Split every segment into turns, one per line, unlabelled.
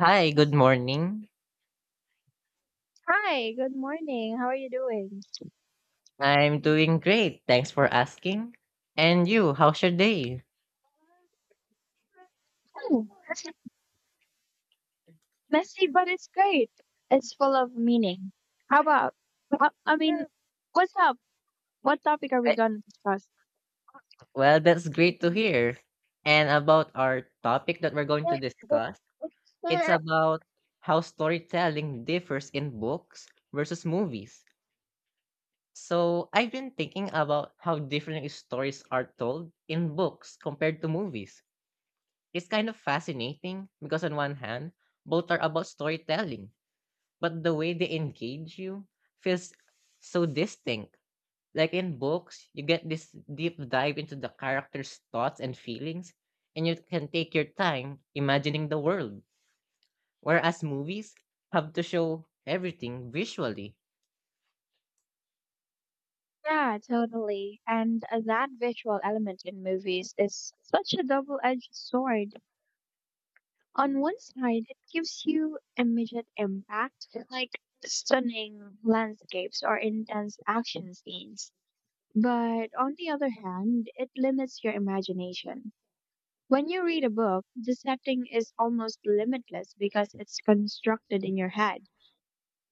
Hi, good morning.
Hi, good morning. How are you doing?
I'm doing great. Thanks for asking. And you, how's your day?
Oh, messy, but it's great. It's full of meaning. How about? I mean, what's up? What topic are we
Eh,
going to discuss?
Well, that's great to hear. And about our topic that we're going to discuss, it's about how storytelling differs in books versus movies. So, I've been thinking about how different stories are told in books compared to movies. It's kind of fascinating because, on one hand, both are about storytelling, but the way they engage you feels so distinct. Like in books, you get this deep dive into the character's thoughts and feelings, and you can take your time imagining the world. Whereas movies have to show everything visually.
Yeah, totally. And that visual element in movies is such a double-edged sword. On one side, it gives you immediate impact, like stunning landscapes or intense action scenes. But on the other hand, it limits your imagination. When you read a book, the setting is almost limitless because it's constructed in your head.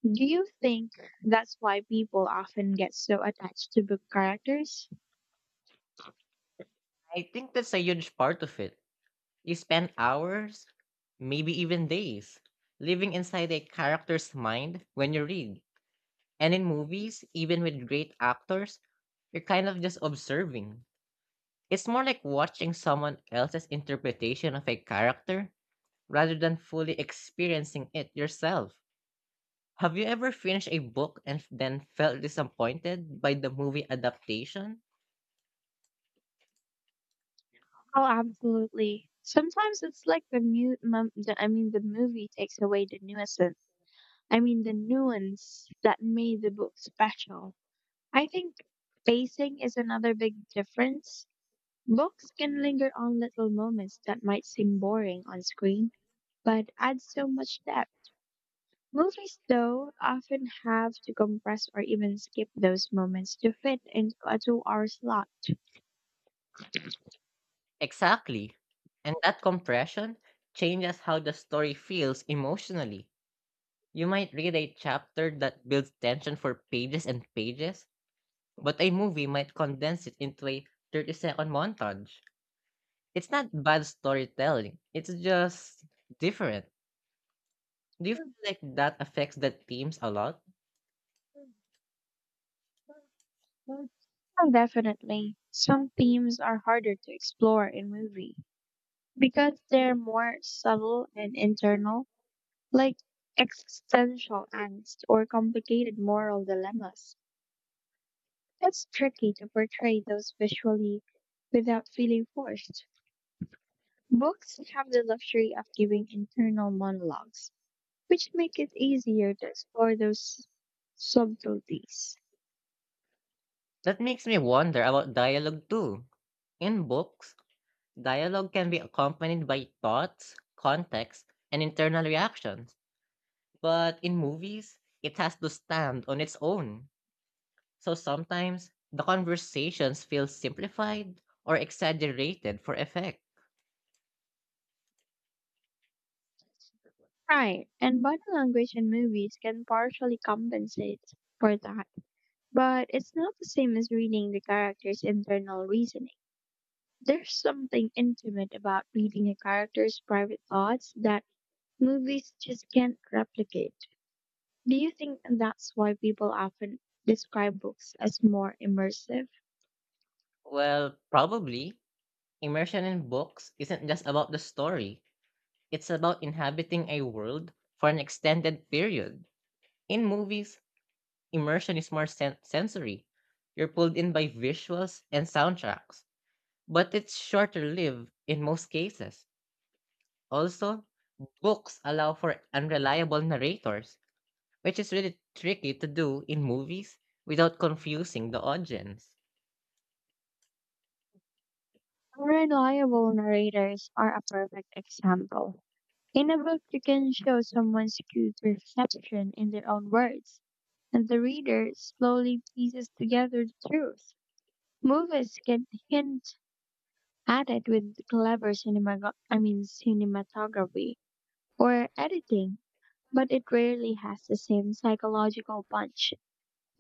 Do you think that's why people often get so attached to book characters?
I think that's a huge part of it. You spend hours, maybe even days, living inside a character's mind when you read. And in movies, even with great actors, you're kind of just observing. It's more like watching someone else's interpretation of a character rather than fully experiencing it yourself. Have you ever finished a book and then felt disappointed by the movie adaptation?
Oh, absolutely. Sometimes it's like the movie takes away the nuisance. I mean the nuance that made the book special. I think pacing is another big difference. Books can linger on little moments that might seem boring on screen, but add so much depth. Movies, though, often have to compress or even skip those moments to fit into a 2-hour slot.
Exactly. And that compression changes how the story feels emotionally. You might read a chapter that builds tension for pages and pages, but a movie might condense it into a 30-second montage. It's not bad storytelling, it's just different. Do you feel like that affects the themes a lot?
Oh, definitely. Some themes are harder to explore in movie because they're more subtle and internal, like existential angst or complicated moral dilemmas. It's tricky to portray those visually without feeling forced. Books have the luxury of giving internal monologues, which make it easier to explore those subtleties.
That makes me wonder about dialogue too. In books, dialogue can be accompanied by thoughts, context, and internal reactions. But in movies, it has to stand on its own. So sometimes the conversations feel simplified or exaggerated for effect.
Right, and body language in movies can partially compensate for that, but it's not the same as reading the character's internal reasoning. There's something intimate about reading a character's private thoughts that movies just can't replicate. Do you think that's why people often describe books as more immersive?
Well, probably, immersion in books isn't just about the story, it's about inhabiting a world for an extended period. In movies, immersion is more sensory. You're pulled in by visuals and soundtracks, but it's shorter lived in most cases. Also, books allow for unreliable narrators, which is really tricky to do in movies without confusing the audience.
Unreliable narrators are a perfect example. In a book, you can show someone's skewed perception in their own words, and the reader slowly pieces together the truth. Movies can hint at it with clever cinematography or editing, but it rarely has the same psychological punch.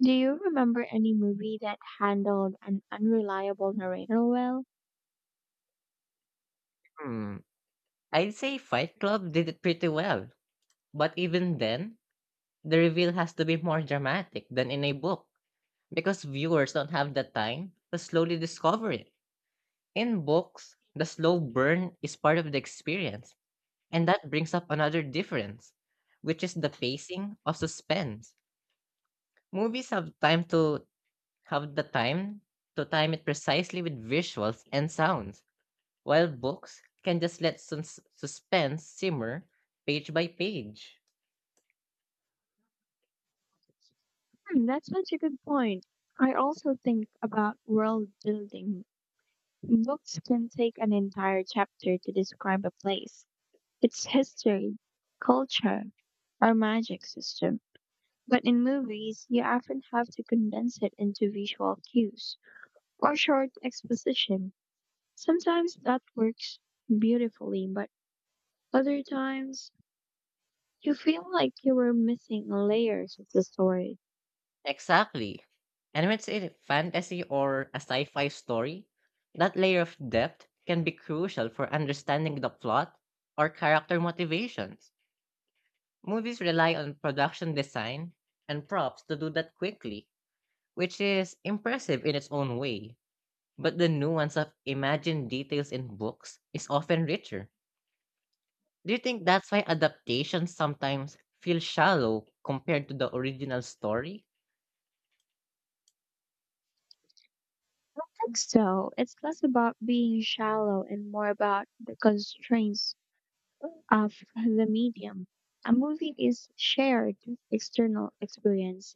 Do you remember any movie that handled an unreliable narrator well?
Hmm, I'd say Fight Club did it pretty well, but even then, the reveal has to be more dramatic than in a book because viewers don't have the time to slowly discover it. In books, the slow burn is part of the experience, and that brings up another difference, which is the pacing of suspense. Movies have time to Have the time to time it precisely with visuals and sounds, while books can just let suspense simmer page by page.
Hmm, that's such a good point. I also think about world building. Books can take an entire chapter to describe a place, its history, culture, or magic system. But in movies, you often have to condense it into visual cues or short exposition. Sometimes that works beautifully, but other times you feel like you were missing layers of the story.
Exactly. And when it's a fantasy or a sci-fi story, that layer of depth can be crucial for understanding the plot or character motivations. Movies rely on production design and props to do that quickly, which is impressive in its own way. But the nuance of imagined details in books is often richer. Do you think that's why adaptations sometimes feel shallow compared to the original story?
I think so. It's less about being shallow and more about the constraints of the medium. A movie is shared external experience,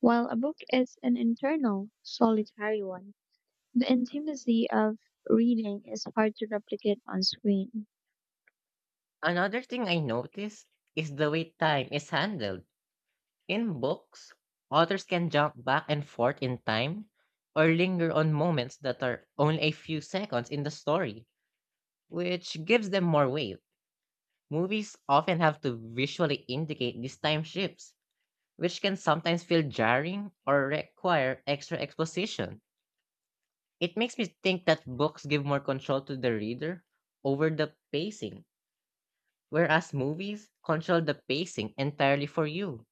while a book is an internal, solitary one. The intimacy of reading is hard to replicate on screen.
Another thing I notice is the way time is handled. In books, authors can jump back and forth in time or linger on moments that are only a few seconds in the story, which gives them more weight. Movies often have to visually indicate these time shifts, which can sometimes feel jarring or require extra exposition. It makes me think that books give more control to the reader over the pacing, whereas movies control the pacing entirely for you.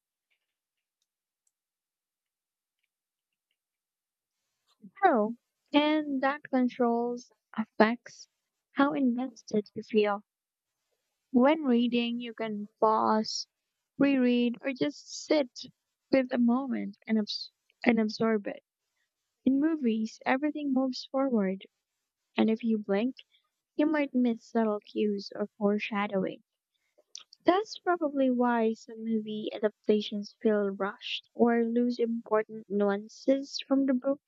Oh, and that controls affects how invested you feel. When reading, you can pause, reread, or just sit with a moment and absorb it. In movies, everything moves forward, and if you blink, you might miss subtle cues or foreshadowing. That's probably why some movie adaptations feel rushed or lose important nuances from the book.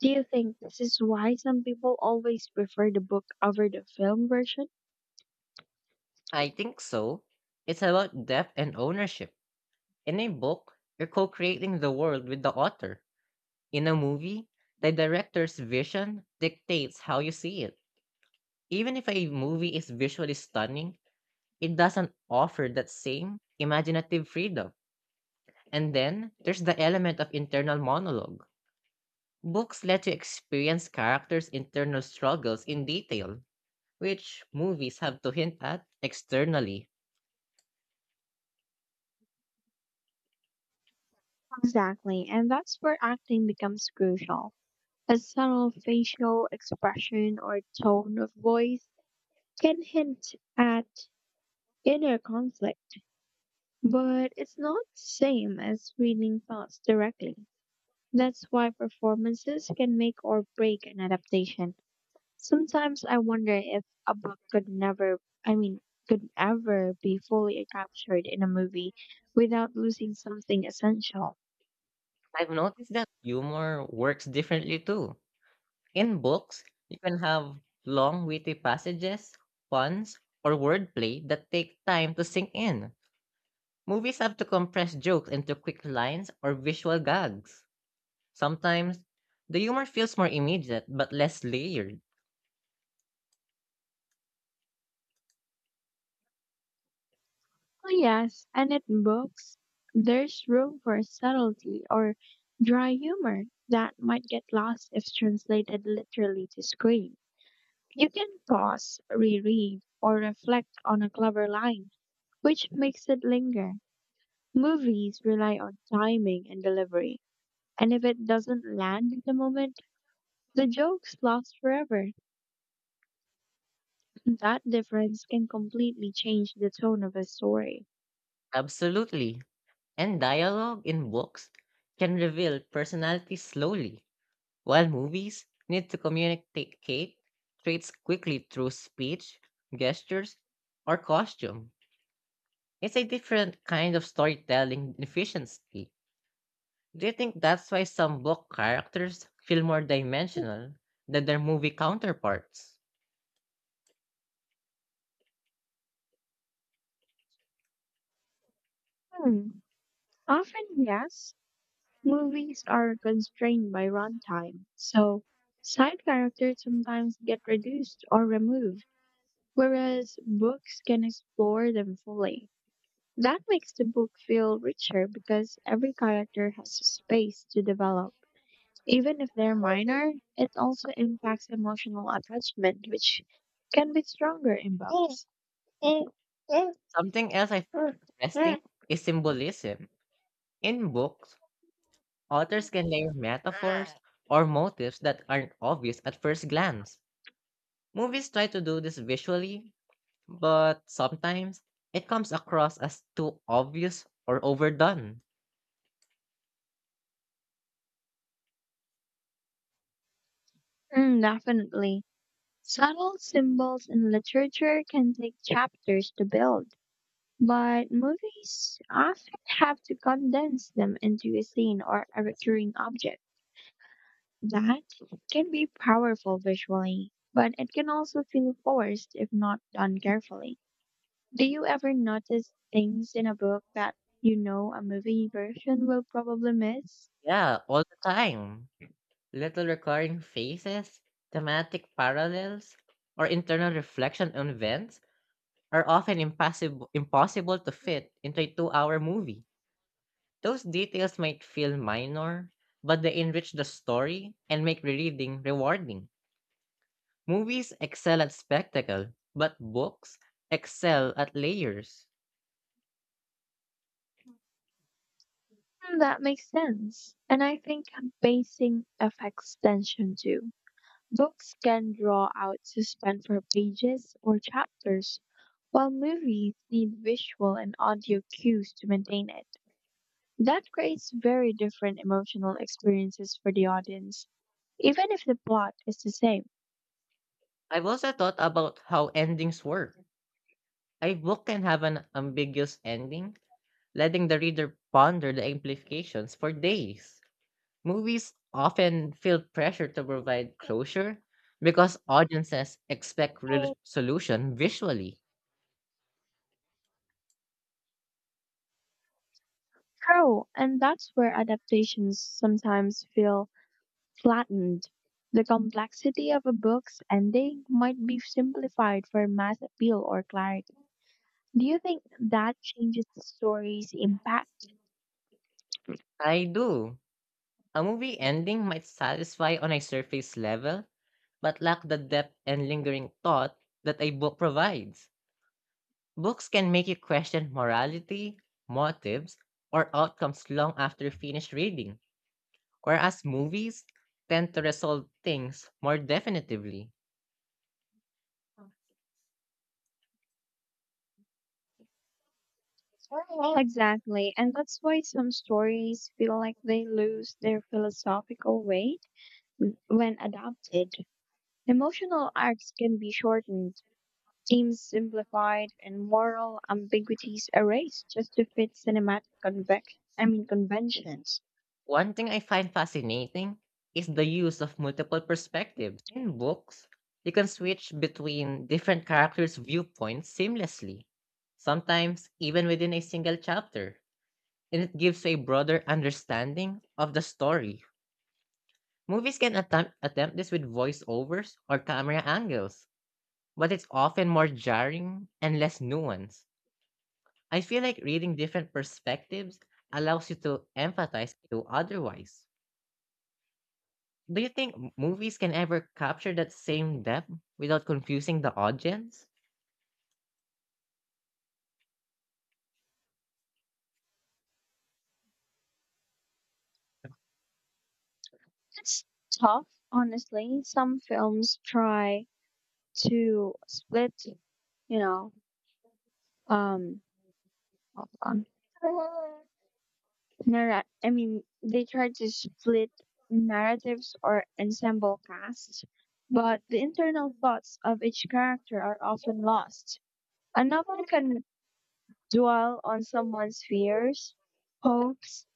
Do you think this is why some people always prefer the book over the film version?
I think so. It's about depth and ownership. In a book, you're co creating the world with the author. In a movie, the director's vision dictates how you see it. Even if a movie is visually stunning, it doesn't offer that same imaginative freedom. And then there's the element of internal monologue. Books let you experience characters' internal struggles in detail, which movies have to hint at externally.
Exactly, and that's where acting becomes crucial. A subtle facial expression or tone of voice can hint at inner conflict, but it's not the same as reading thoughts directly. That's why performances can make or break an adaptation. Sometimes I wonder if a book could never, I mean, could ever be fully captured in a movie without losing something essential.
I've noticed that humor works differently too. In books, you can have long, witty passages, puns, or wordplay that take time to sink in. Movies have to compress jokes into quick lines or visual gags. Sometimes, the humor feels more immediate but less layered.
Oh yes, and in books, there's room for subtlety or dry humor that might get lost if translated literally to screen. You can pause, reread, or reflect on a clever line, which makes it linger. Movies rely on timing and delivery, and if it doesn't land in the moment, the jokes last forever. That difference can completely change the tone of a story.
Absolutely. And dialogue in books can reveal personality slowly, while movies need to communicate traits quickly through speech, gestures, or costume. It's a different kind of storytelling efficiency. Do you think that's why some book characters feel more dimensional than their movie counterparts?
Hmm. Often, yes, movies are constrained by runtime, so side characters sometimes get reduced or removed, whereas books can explore them fully. That makes the book feel richer because every character has a space to develop. Even if they're minor, it also impacts emotional attachment, which can be stronger in books. Mm,
Something else I find interesting is symbolism. In books, authors can layer metaphors or motifs that aren't obvious at first glance. Movies try to do this visually, but sometimes it comes across as too obvious or overdone.
definitely. Subtle symbols in literature can take chapters to build, but movies often have to condense them into a scene or a recurring object. That can be powerful visually, but it can also feel forced if not done carefully. Do you ever notice things in a book that you know a movie version will probably miss?
Yeah, all the time. Little recurring faces, thematic parallels, or internal reflection on events are often impossible to fit into a 2-hour movie. Those details might feel minor, but they enrich the story and make reading rewarding. Movies excel at spectacle, but books excel at layers.
Hmm, that makes sense. And I think basing affects tension too. Books can draw out suspense for pages or chapters, while movies need visual and audio cues to maintain it. That creates very different emotional experiences for the audience, even if the plot is the same.
I've also thought about how endings work. A book can have an ambiguous ending, letting the reader ponder the implications for days. Movies often feel pressure to provide closure because audiences expect resolution visually.
True, and that's where adaptations sometimes feel flattened. The complexity of a book's ending might be simplified for mass appeal or clarity. Do you think that changes the story's impact?
I do. A movie ending might satisfy on a surface level, but lack the depth and lingering thought that a book provides. Books can make you question morality, motives, or outcomes long after finished reading, whereas movies tend to resolve things more definitively.
Exactly, and that's why some stories feel like they lose their philosophical weight when adapted. Emotional arcs can be shortened, themes simplified, and moral ambiguities erased just to fit cinematic conventions.
One thing I find fascinating is the use of multiple perspectives. In books, you can switch between different characters' viewpoints seamlessly, sometimes even within a single chapter, and it gives you a broader understanding of the story. Movies can attempt this with voiceovers or camera angles, but it's often more jarring and less nuanced. I feel like reading different perspectives allows you to empathize to otherwise. Do you think movies can ever capture that same depth without confusing the audience?
It's tough, honestly. Some films try to split, you know, um, hold on Narra- I mean, they tried to split narratives or ensemble casts, but the internal thoughts of each character are often lost. A novel can dwell on someone's fears, hopes,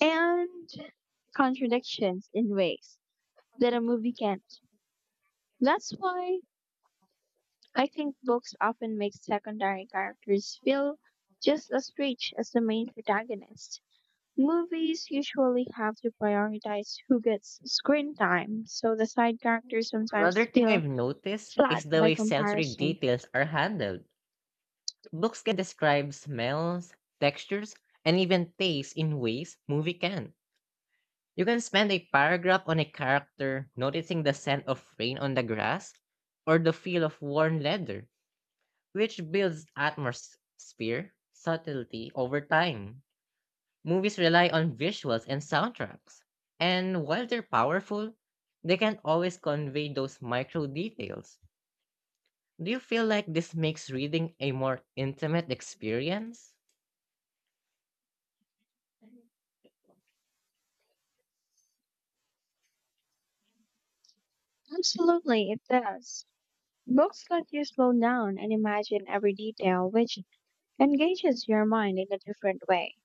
and contradictions in ways that a movie can't. That's why I think books often make secondary characters feel just as rich as the main protagonist. Movies usually have to prioritize who gets screen time, so the side characters
Another
sometimes
thing I've
feel
noticed is
flat
the
by
way sensory
comparison.
details are handled. Books can describe smells, textures, and even tastes in ways movie can. You can spend a paragraph on a character noticing the scent of rain on the grass or the feel of worn leather, which builds atmosphere subtlety over time. Movies rely on visuals and soundtracks, and while they're powerful, they can't always convey those micro details. Do you feel like this makes reading a more intimate experience?
Absolutely, it does. Books let you slow down and imagine every detail, which engages your mind in a different way.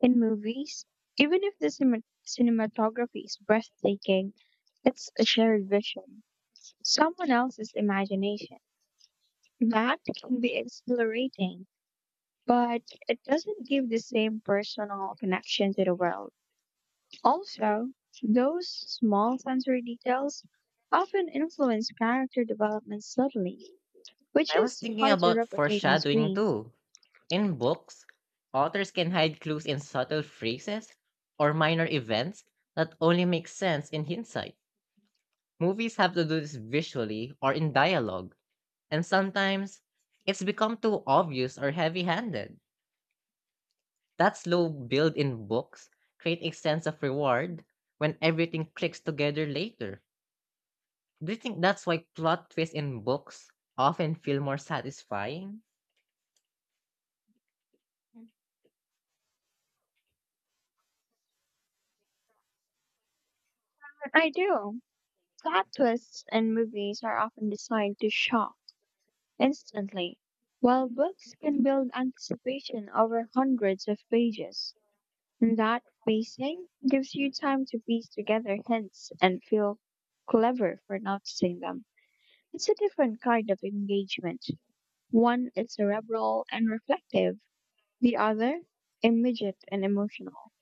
In movies, even if the cinematography is breathtaking, it's a shared vision, someone else's imagination. That can be exhilarating, but it doesn't give the same personal connection to the world. Also, those small sensory details often influence character development subtly, which
I was
is
thinking
hard to
about
replicate on
foreshadowing
screen.
too. In books, authors can hide clues in subtle phrases or minor events that only make sense in hindsight. Movies have to do this visually or in dialogue, and sometimes it's become too obvious or heavy handed. That slow build in books create a sense of reward when everything clicks together later. Do you think that's why plot twists in books often feel more satisfying?
But I do. Plot twists in movies are often designed to shock instantly, while books can build anticipation over hundreds of pages. And that pacing gives you time to piece together hints and feel clever for noticing them. It's a different kind of engagement. One is cerebral and reflective, the other immediate and emotional.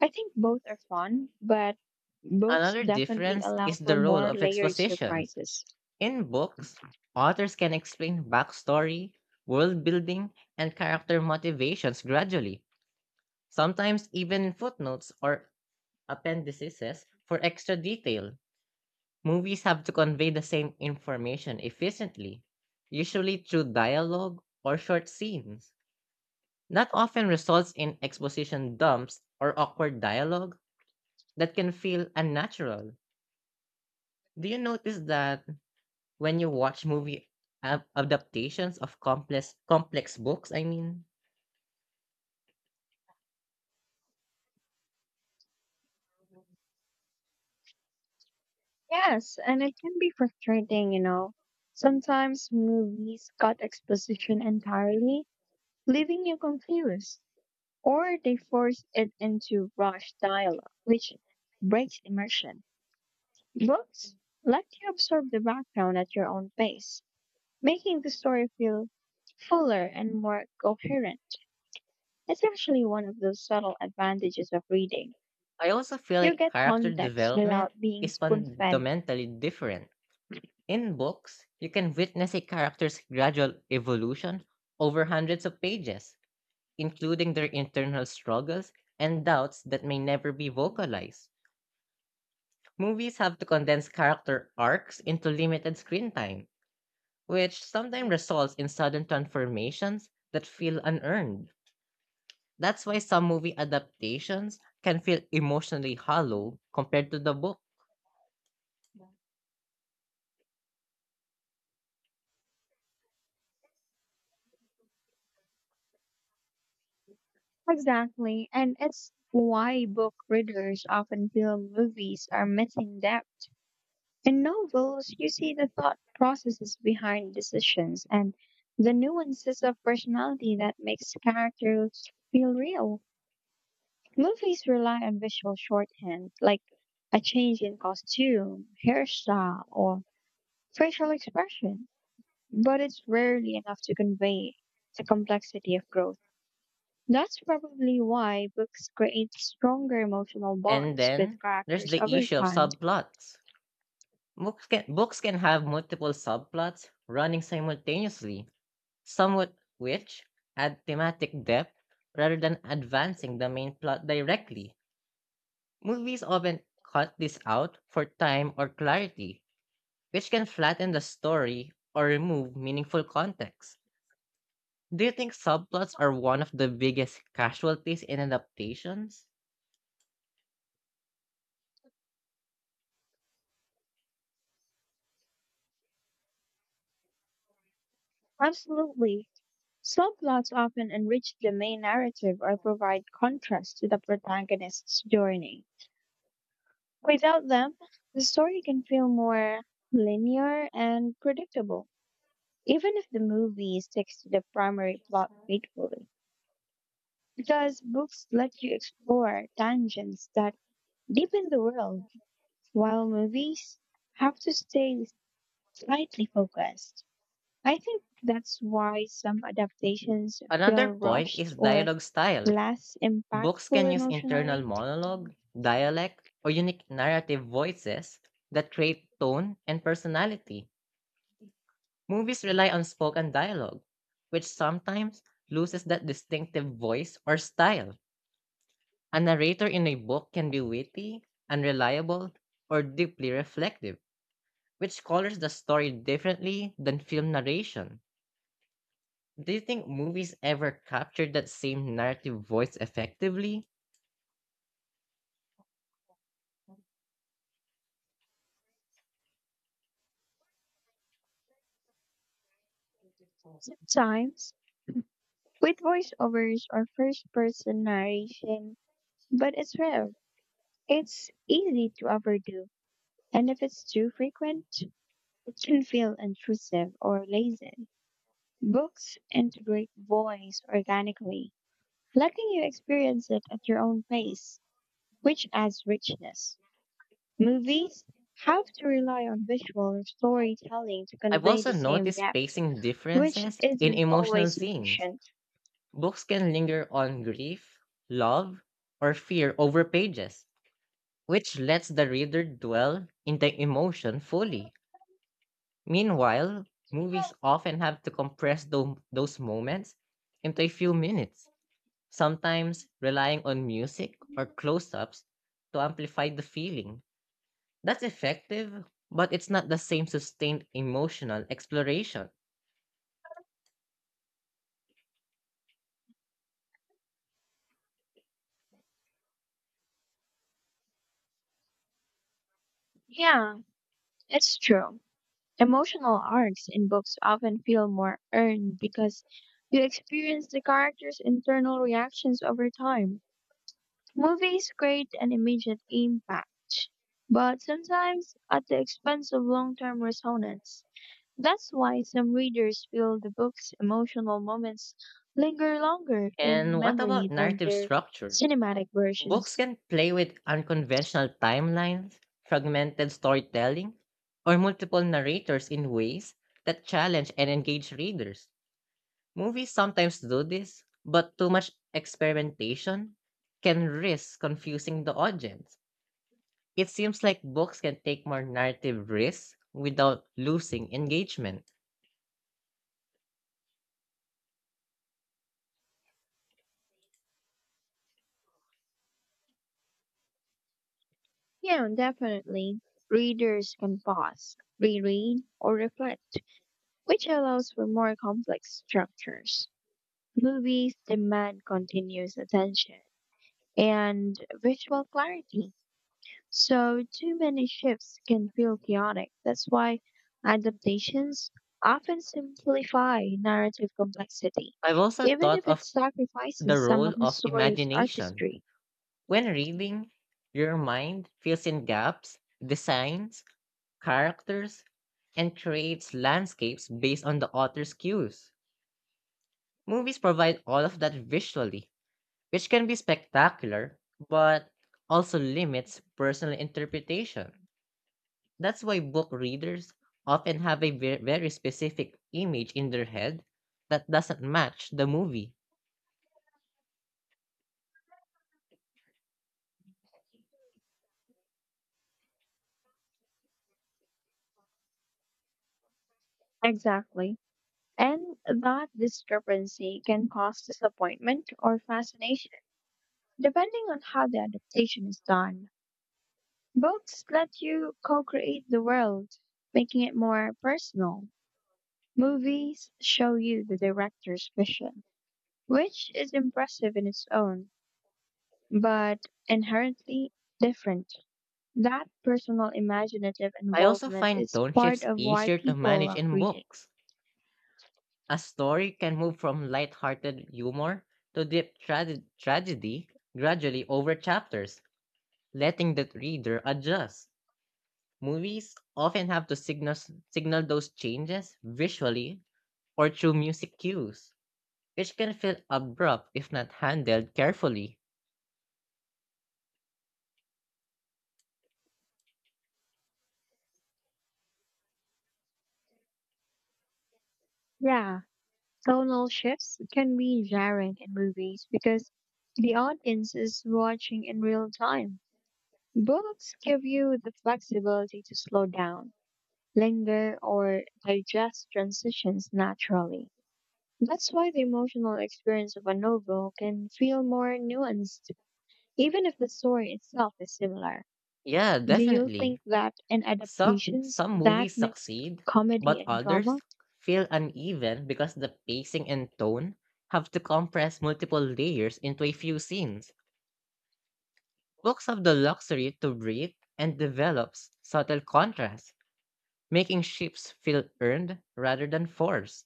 I think both are fun, but books
Another
definitely
difference
allow
is
for
the role
more
of
layered
exposition.
surprises.
In books, authors can explain backstory, world building, and character motivations gradually, sometimes even in footnotes or appendices for extra detail. Movies have to convey the same information efficiently, usually through dialogue or short scenes. That often results in exposition dumps or awkward dialogue that can feel unnatural. Do you notice that when you watch movie adaptations of complex books, I mean,
Yes, and it can be frustrating. Sometimes movies cut exposition entirely, leaving you confused, or they force it into rushed dialogue, which breaks immersion. Books let you absorb the background at your own pace, making the story feel fuller and more coherent. It's actually one of those subtle advantages of reading.
I also feel
You
like
get
character
context
development
without being
is
spoon fed.
fundamentally different. In books, you can witness a character's gradual evolution over hundreds of pages, including their internal struggles and doubts that may never be vocalized. Movies have to condense character arcs into limited screen time, which sometimes results in sudden transformations that feel unearned. That's why some movie adaptations can feel emotionally hollow compared to the book.
Exactly, and it's why book readers often feel movies are missing depth. In novels, you see the thought processes behind decisions and the nuances of personality that makes characters feel real. Movies rely on visual shorthand, like a change in costume, hairstyle, or facial expression, but it's rarely enough to convey the complexity of growth. That's probably why books create stronger emotional
And
bonds with
then there's
characters
the
over
issue of
time.
subplots. Books can have multiple subplots running simultaneously, somewhat which add thematic depth rather than advancing the main plot directly. Movies often cut this out for time or clarity, which can flatten the story or remove meaningful context. Do you think subplots are one of the biggest casualties in adaptations?
Absolutely. Subplots often enrich the main narrative or provide contrast to the protagonist's journey. Without them, the story can feel more linear and predictable, even if the movie sticks to the primary plot faithfully. Because books let you explore tangents that deepen the world, while movies have to stay slightly focused. I think that's why some adaptations
Another
feel
point
rushed
is
or
dialogue style.
less
Books
impactful
can use internal
emotionally.
monologue, dialect, or unique narrative voices that create tone and personality. Movies rely on spoken dialogue, which sometimes loses that distinctive voice or style. A narrator in a book can be witty, unreliable, or deeply reflective, which colors the story differently than film narration. Do you think movies ever capture that same narrative voice effectively?
Sometimes with voiceovers or first person narration, but it's rare. It's easy to overdo. And if it's too frequent, it shouldn't feel intrusive or lazy. Books integrate voice organically, letting you experience it at your own pace, which adds richness. Movies have to rely on visual or storytelling to
I've
convey
also
the same
noticed
depth,
pacing
which
differences in
isn't
emotional
always
scenes.
sufficient.
Books can linger on grief, love, or fear over pages which lets the reader dwell in the emotion fully. Meanwhile, movies often have to compress those moments into a few minutes, sometimes relying on music or close ups to amplify the feeling. That's effective, but it's not the same sustained emotional exploration.
Yeah, it's true. Emotional arcs in books often feel more earned because you experience the characters' internal reactions over time. Movies create an immediate impact, but sometimes at the expense of long term resonance. That's why some readers feel the book's emotional moments linger longer in
And what about
memory than
narrative
their
structure?
cinematic
Books
versions.
can play with unconventional timelines, fragmented storytelling, or multiple narrators in ways that challenge and engage readers. Movies sometimes do this, but too much experimentation can risk confusing the audience. It seems like books can take more narrative risks without losing engagement.
Yeah, and definitely. Readers can pause, reread, or reflect, which allows for more complex structures. Movies demand continuous attention and visual clarity, so too many shifts can feel chaotic. That's why adaptations often simplify narrative complexity,
I've also
even
thought
if it
of the
sacrifices some
role
of the
of
story's
imagination.
artistry.
When reading, your mind fills in gaps, designs, characters, and creates landscapes based on the author's cues. Movies provide all of that visually, which can be spectacular, but also limits personal interpretation. That's why book readers often have a very specific image in their head that doesn't match the movie.
Exactly. And that discrepancy can cause disappointment or fascination, depending on how the adaptation is done. Books let you co create the world, making it more personal. Movies show you the director's vision, which is impressive in its own, but inherently different. That personal imaginative
I also
involvement
find
is
tone
part
shifts
of why
easier to
people
manage
love
in
reading.
books. A story can move from lighthearted humor to deep tragedy gradually over chapters, letting the reader adjust. Movies often have to signal those changes visually or through music cues, which can feel abrupt if not handled carefully.
Yeah, tonal shifts can be jarring in movies because the audience is watching in real time. Books give you the flexibility to slow down, linger, or digest transitions naturally. That's why the emotional experience of a novel can feel more nuanced, even if the story itself is similar.
Yeah,
Do you
definitely.
think that in
Some,
adaptations
some
that
movies
mix
succeed,
comedy
but
and
others
drama,
feel uneven because the pacing and tone have to compress multiple layers into a few scenes. Books have the luxury to breathe and develops subtle contrasts making ships feel earned rather than forced.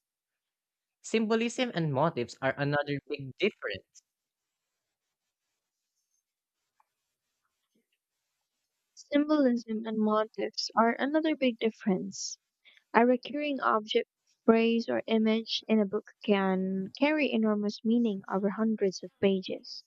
Symbolism and motifs are another big difference.
symbolism and motifs are another big difference? A recurring object, phrase, or image in a book can carry enormous meaning over hundreds of pages.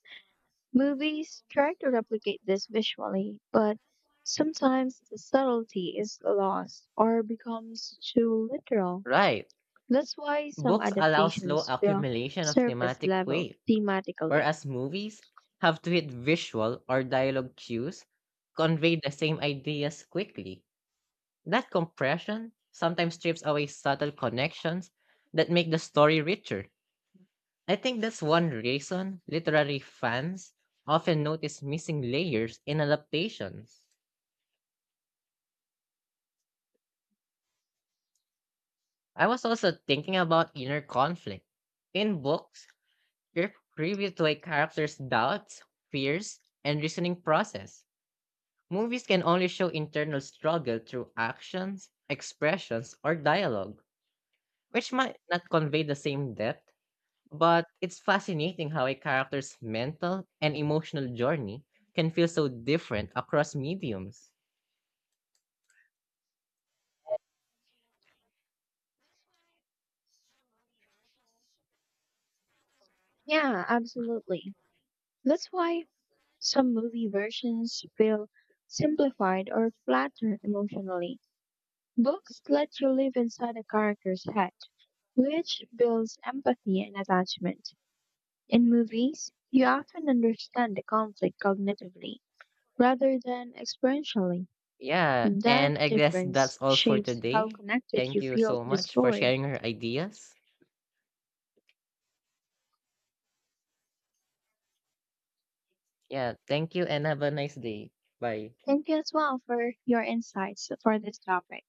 Movies try to replicate this visually, but sometimes the subtlety is lost or becomes too literal.
Right.
That's why some
Books allow slow
adaptations feel
accumulation of
surface
thematic
level
weight,
thematically.
whereas movies have to hit visual or dialogue cues convey the same ideas quickly. That compression sometimes strips away subtle connections that make the story richer. I think that's one reason literary fans often notice missing layers in adaptations. I was also thinking about inner conflict. In books, you're privy to a character's doubts, fears, and reasoning process. Movies can only show internal struggle through actions, expressions, or dialogue, which might not convey the same depth, but it's fascinating how a character's mental and emotional journey can feel so different across mediums.
Yeah, absolutely. That's why some movie versions feel simplified or flatter emotionally. Books let you live inside a character's head, which builds empathy and attachment. In movies, you often understand the conflict cognitively rather than experientially.
Yeah,
That
and I guess
difference
that's all for
shapes how
today.
connected
Thank
you
you
feel
so
to the
much for
story.
sharing your ideas. Yeah, thank you and have a nice day. Bye.
Thank you as well for your insights for this topic.